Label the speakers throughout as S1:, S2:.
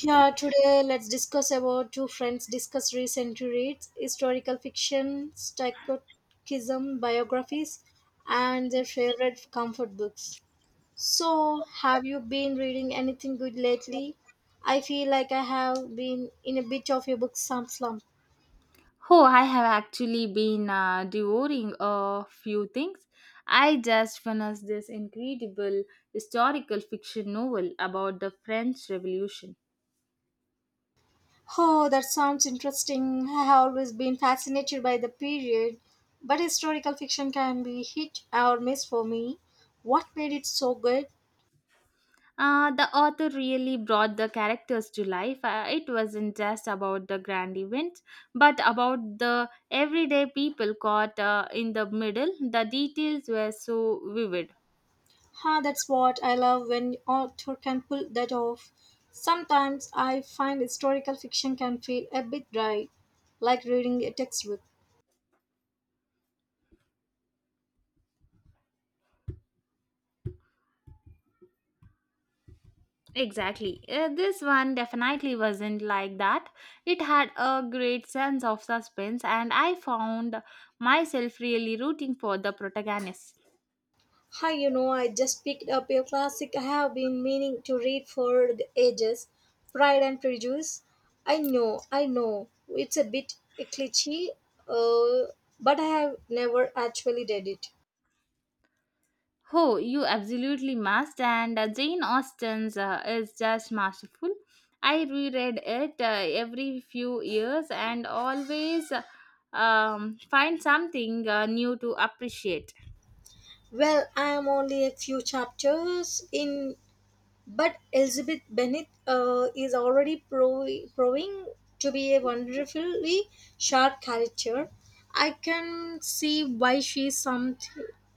S1: Yeah, today let's discuss about two friends discuss recent reads, historical fiction, psychologism, biographies, and their favorite comfort books. So, have you been reading anything good lately? I feel like I have been in a bit of a book slump.
S2: Oh, I have actually been devouring a few things. I just finished this incredible historical fiction novel about the French Revolution.
S1: Oh, that sounds interesting. I have always been fascinated by the period, but historical fiction can be hit or miss for me. What made it so good?
S2: The author really brought the characters to life. It wasn't just about the grand events, but about the everyday people caught in the middle. The details were so vivid.
S1: Ha, that's what I love when author can pull that off. Sometimes I find historical fiction can feel a bit dry, like reading a textbook.
S2: Exactly. This one definitely wasn't like that. It had a great sense of suspense, and I found myself really rooting for the protagonist.
S1: Hi, you know, I just picked up a classic I have been meaning to read for the ages Pride and Prejudice. I know, it's a bit cliche, uh, but I have never actually read it.
S2: Oh, you absolutely must. And Jane Austen's is just masterful. I reread it every few years and always find something new to appreciate.
S1: Well, I am only a few chapters in But Elizabeth Bennet is already proving to be a wonderfully sharp character. I can see why she is some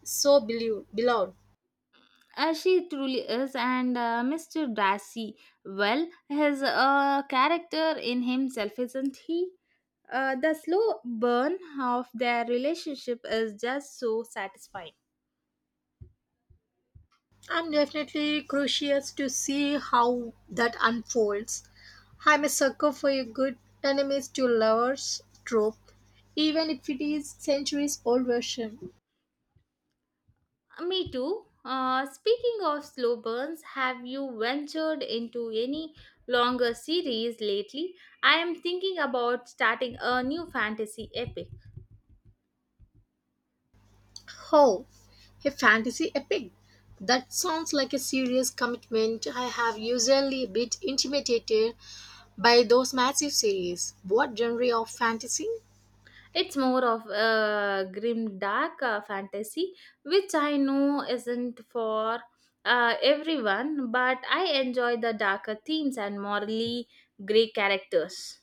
S1: so belu- beloved.
S2: She truly is, and Mr. Darcy, well, his character in himself, isn't he? The slow burn of their relationship is just so satisfying.
S1: I'm definitely curious to see how that unfolds. I'm a sucker for a good enemies to lovers trope, even if it is centuries old version.
S2: Me too. Speaking of slow burns, have you ventured into any longer series lately? I am thinking about starting a new fantasy epic.
S1: Oh, a fantasy epic. That sounds like a serious commitment. I have usually a bit intimidated by those massive series. What genre of fantasy?
S2: It's more of a grim dark fantasy, which I know isn't for everyone, but I enjoy the darker themes and morally grey characters.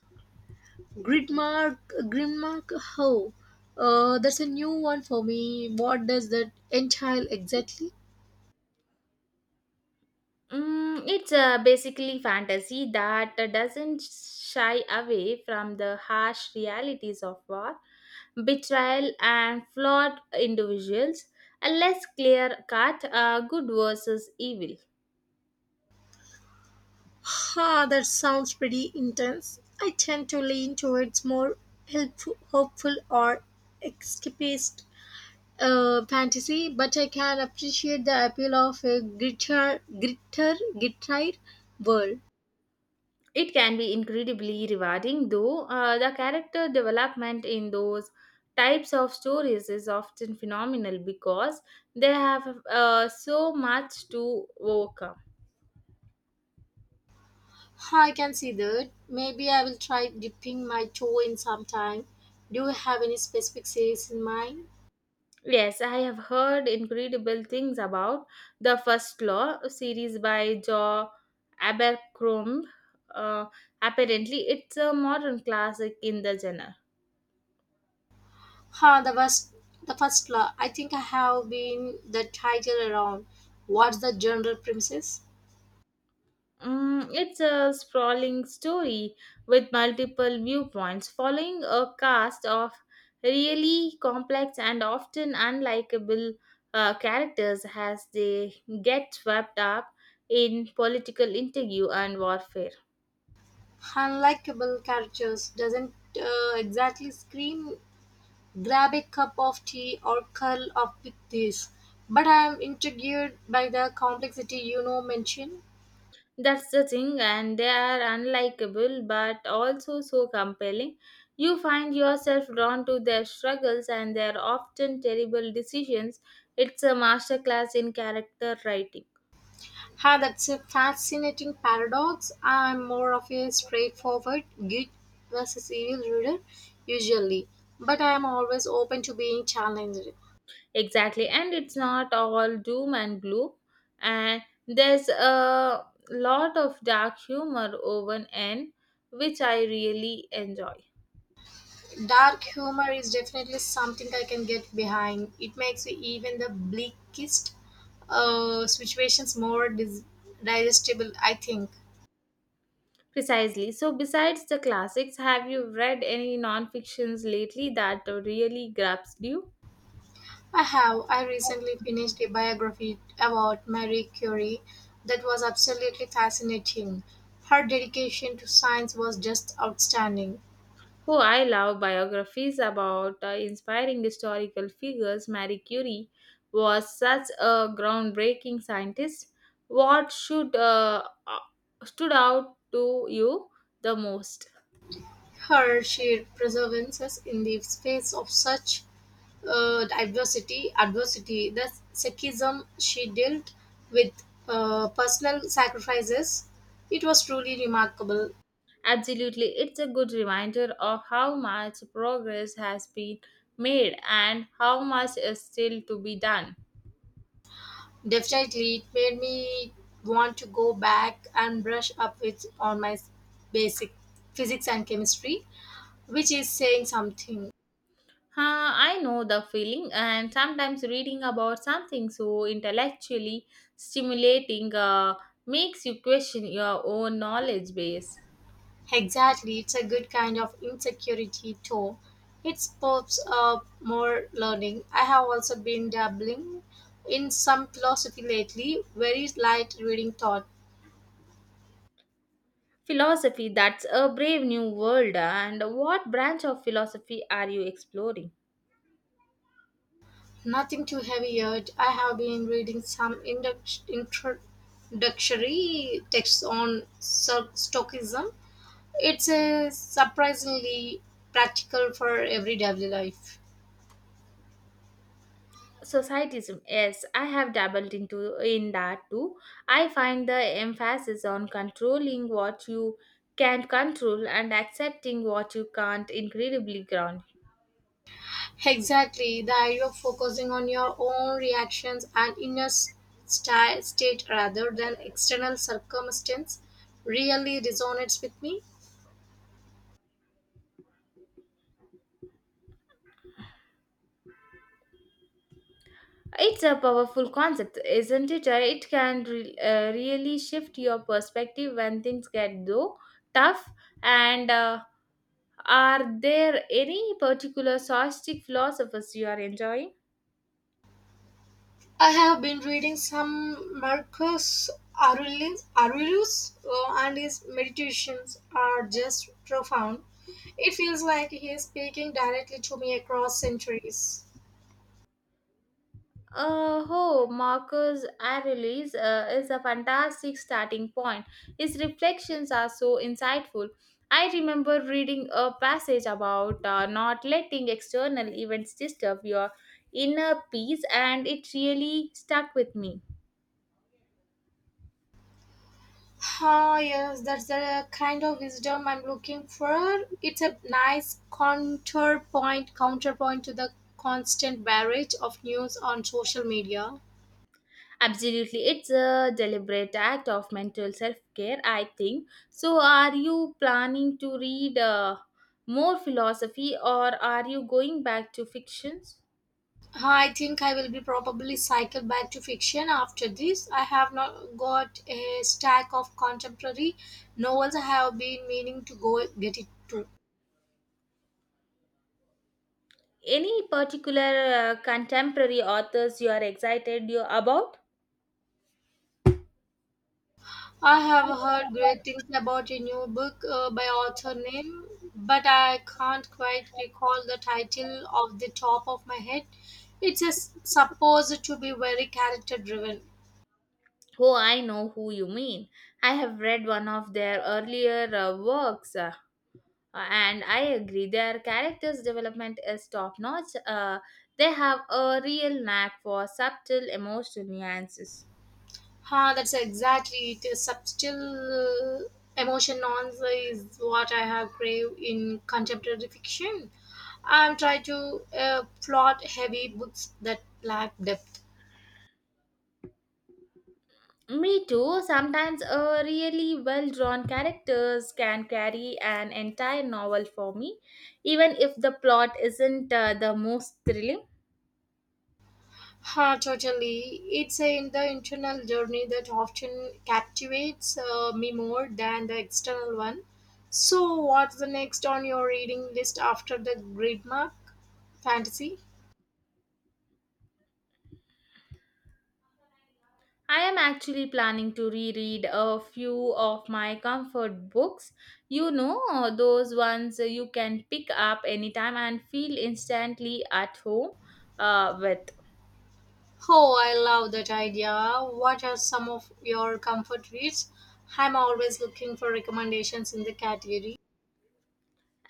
S1: Gridmark, how? That's a new one for me. What does that entail exactly?
S2: It's basically fantasy that doesn't shy away from the harsh realities of war, betrayal, and flawed individuals. A less clear cut, good versus evil.
S1: Ha, that sounds pretty intense. I tend to lean towards more helpful, hopeful or escapist fantasy, but I can appreciate the appeal of a gritter world.
S2: It can be incredibly rewarding, though the character development in those types of stories is often phenomenal because they have so much to overcome.
S1: I can see that. Maybe I will try dipping my toe in sometime. Do you have any specific series in mind?
S2: Yes, I have heard incredible things about the First Law series by Jo Abercrombie. Uh, apparently, it's a modern classic in the genre.
S1: Huh, the first law. I think I have been the title around. What's the general premises?
S2: It's a sprawling story with multiple viewpoints, following a cast of really complex and often unlikable characters as they get swept up in political intrigue and warfare.
S1: Unlikable characters doesn't exactly scream Grab a cup of tea or curl up with this. But I am intrigued by the complexity you know mentioned.
S2: That's the thing, and they are unlikable but also so compelling. You find yourself drawn to their struggles and their often terrible decisions. It's a masterclass in character writing.
S1: Ha, that's a fascinating paradox. I'm more of a straightforward good versus evil reader usually, but I am always open to being challenged.
S2: Exactly, and it's not all doom and gloom, and there's a lot of dark humor woven in, which I really enjoy.
S1: Dark humor is definitely something I can get behind. It makes even the bleakest situations more digestible, I think.
S2: Precisely. So, besides the classics, have you read any non fictions lately that really grabs you?
S1: I have. I recently finished a biography about Marie Curie that was absolutely fascinating. Her dedication to science was just outstanding.
S2: Oh, I love biographies about inspiring historical figures. Marie Curie was such a groundbreaking scientist. What should stood out to you the most?
S1: Her sheer perseverance in the face of such adversity, the sexism she dealt with personal sacrifices, it was truly remarkable.
S2: Absolutely, it's a good reminder of how much progress has been made and how much is still to be done.
S1: Definitely, it made me want to go back and brush up with on basic physics and chemistry, which is saying something.
S2: Huh, I know the feeling, and sometimes reading about something so intellectually stimulating makes you question your own knowledge base.
S1: Exactly, it's a good kind of insecurity too. It pops up more learning. I have also been dabbling in some philosophy lately, very light reading thought.
S2: Philosophy, that's a brave new world. And what branch of philosophy are you exploring?
S1: Nothing too heavy yet. I have been reading some introductory texts on Stoicism. It's a surprisingly practical for everyday life.
S2: Societism, yes, I have dabbled into in that too. I find the emphasis on controlling what you can control and accepting what you can't incredibly grounding.
S1: Exactly, the idea of focusing on your own reactions and inner state rather than external circumstance really resonates with me.
S2: It's a powerful concept, isn't it? It can really shift your perspective when things get though tough. And are there any particular sarcastic philosophers you are enjoying?
S1: I have been reading some Marcus Aurelius and his meditations are just profound. It feels like he is speaking directly to me across centuries.
S2: Oh, Marcus Aurelius is a fantastic starting point. His reflections are so insightful. I remember reading a passage about not letting external events disturb your inner peace, and it really stuck with me.
S1: Ah, yes, that's the kind of wisdom I'm looking for. It's a nice counterpoint to the constant barrage of news on social media.
S2: Absolutely, it's a deliberate act of mental self care, I think. So, are you planning to read more philosophy or are you going back to fictions?
S1: Ah, I think I will be probably cycle back to fiction after this. I have not got a stack of contemporary novels I have been meaning to go get it to.
S2: Any particular contemporary authors you are excited you about?
S1: I have heard great things about a new book by author name, but I can't quite recall the title off the top of my head. It's supposed to be very character driven.
S2: Oh, I know who you mean. I have read one of their earlier works, and I agree their characters' development is top-notch. They have a real knack for subtle emotional nuances.
S1: Huh, that's exactly it. A subtle emotion nonsense is what I have craved in contemporary fiction. I'm trying to plot heavy books that lack depth.
S2: Me too. Sometimes a really well-drawn characters can carry an entire novel for me, even if the plot isn't the most thrilling.
S1: Ha, totally. It's in the internal journey that often captivates me more than the external one. So, what's the next on your reading list after the grid mark fantasy?
S2: I am actually planning to reread a few of my comfort books. You know, those ones you can pick up anytime and feel instantly at home with.
S1: Oh, I love that idea. What are some of your comfort reads? I'm always looking for recommendations in the category.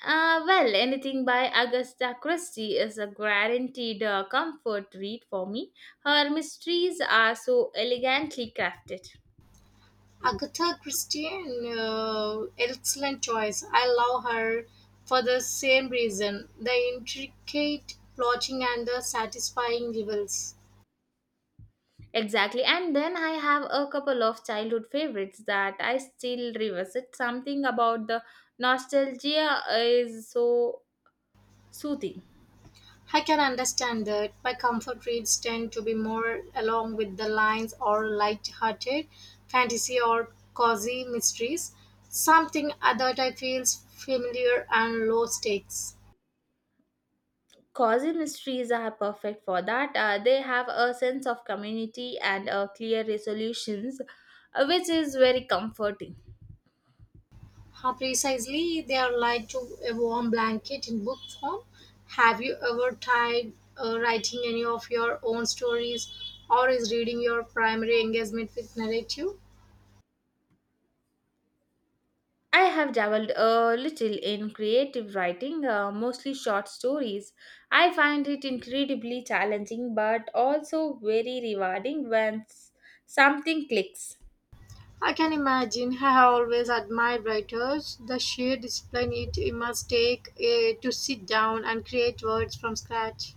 S2: Well, anything by Agatha Christie is a guaranteed comfort read for me. Her mysteries are so elegantly crafted.
S1: Agatha Christie, excellent choice. I love her for the same reason the intricate plotting and the satisfying reveals.
S2: Exactly. And then I have a couple of childhood favorites that I still revisit. Something about the nostalgia is so soothing.
S1: I can understand that my comfort reads tend to be more along with the lines or light hearted fantasy or cozy mysteries, something that I feels familiar and low stakes.
S2: Cozy mysteries are perfect for that. They have a sense of community and clear resolutions, which is very comforting.
S1: How precisely they are like to a warm blanket in book form. Have you ever tried writing any of your own stories or is reading your primary engagement with narrative?
S2: I have dabbled a little in creative writing, mostly short stories. I find it incredibly challenging but also very rewarding when something clicks.
S1: I can imagine I have always admired writers, the sheer discipline it must take to sit down and create words from scratch.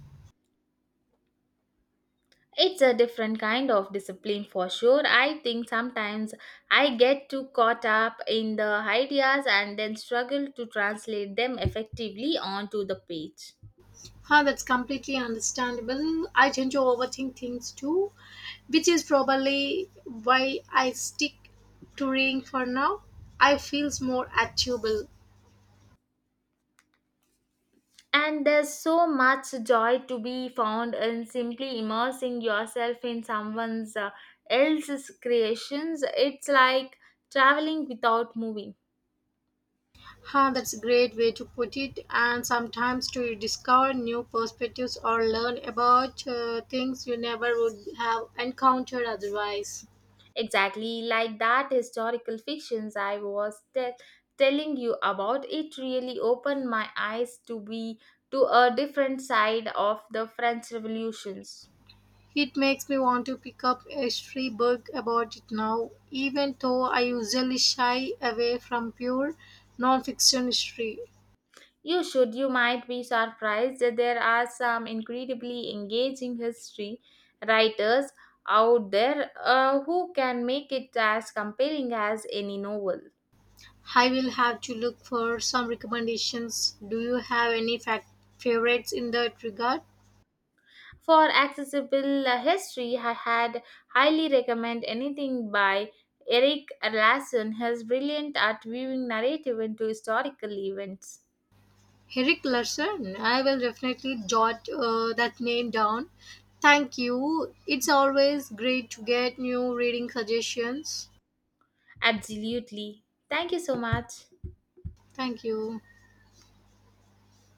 S2: It's a different kind of discipline for sure. I think sometimes I get too caught up in the ideas and then struggle to translate them effectively onto the page.
S1: Huh, that's completely understandable. I tend to overthink things too, which is probably why I stick to reading for now. I feels more achievable.
S2: And there's so much joy to be found in simply immersing yourself in someone's else's creations. It's like traveling without moving.
S1: Huh, that's a great way to put it. And sometimes to discover new perspectives or learn about things you never would have encountered otherwise.
S2: Exactly like that historical fictions I was telling you about. It really opened my eyes to be to a different side of the French revolutions.
S1: It makes me want to pick up a history book about it now, even though I usually shy away from pure non-fiction history.
S2: You should, you might be surprised. There are some incredibly engaging history writers out there who can make it as compelling as any novel.
S1: I will have to look for some recommendations. Do you have any fac favorites in that regard?
S2: For accessible history, I had highly recommend anything by Eric Larson. He's brilliant at viewing narrative into historical events.
S1: Eric Larson. I will definitely jot that name down. Thank you. It's always great to get new reading suggestions.
S2: Absolutely. Thank you so much.
S1: Thank you.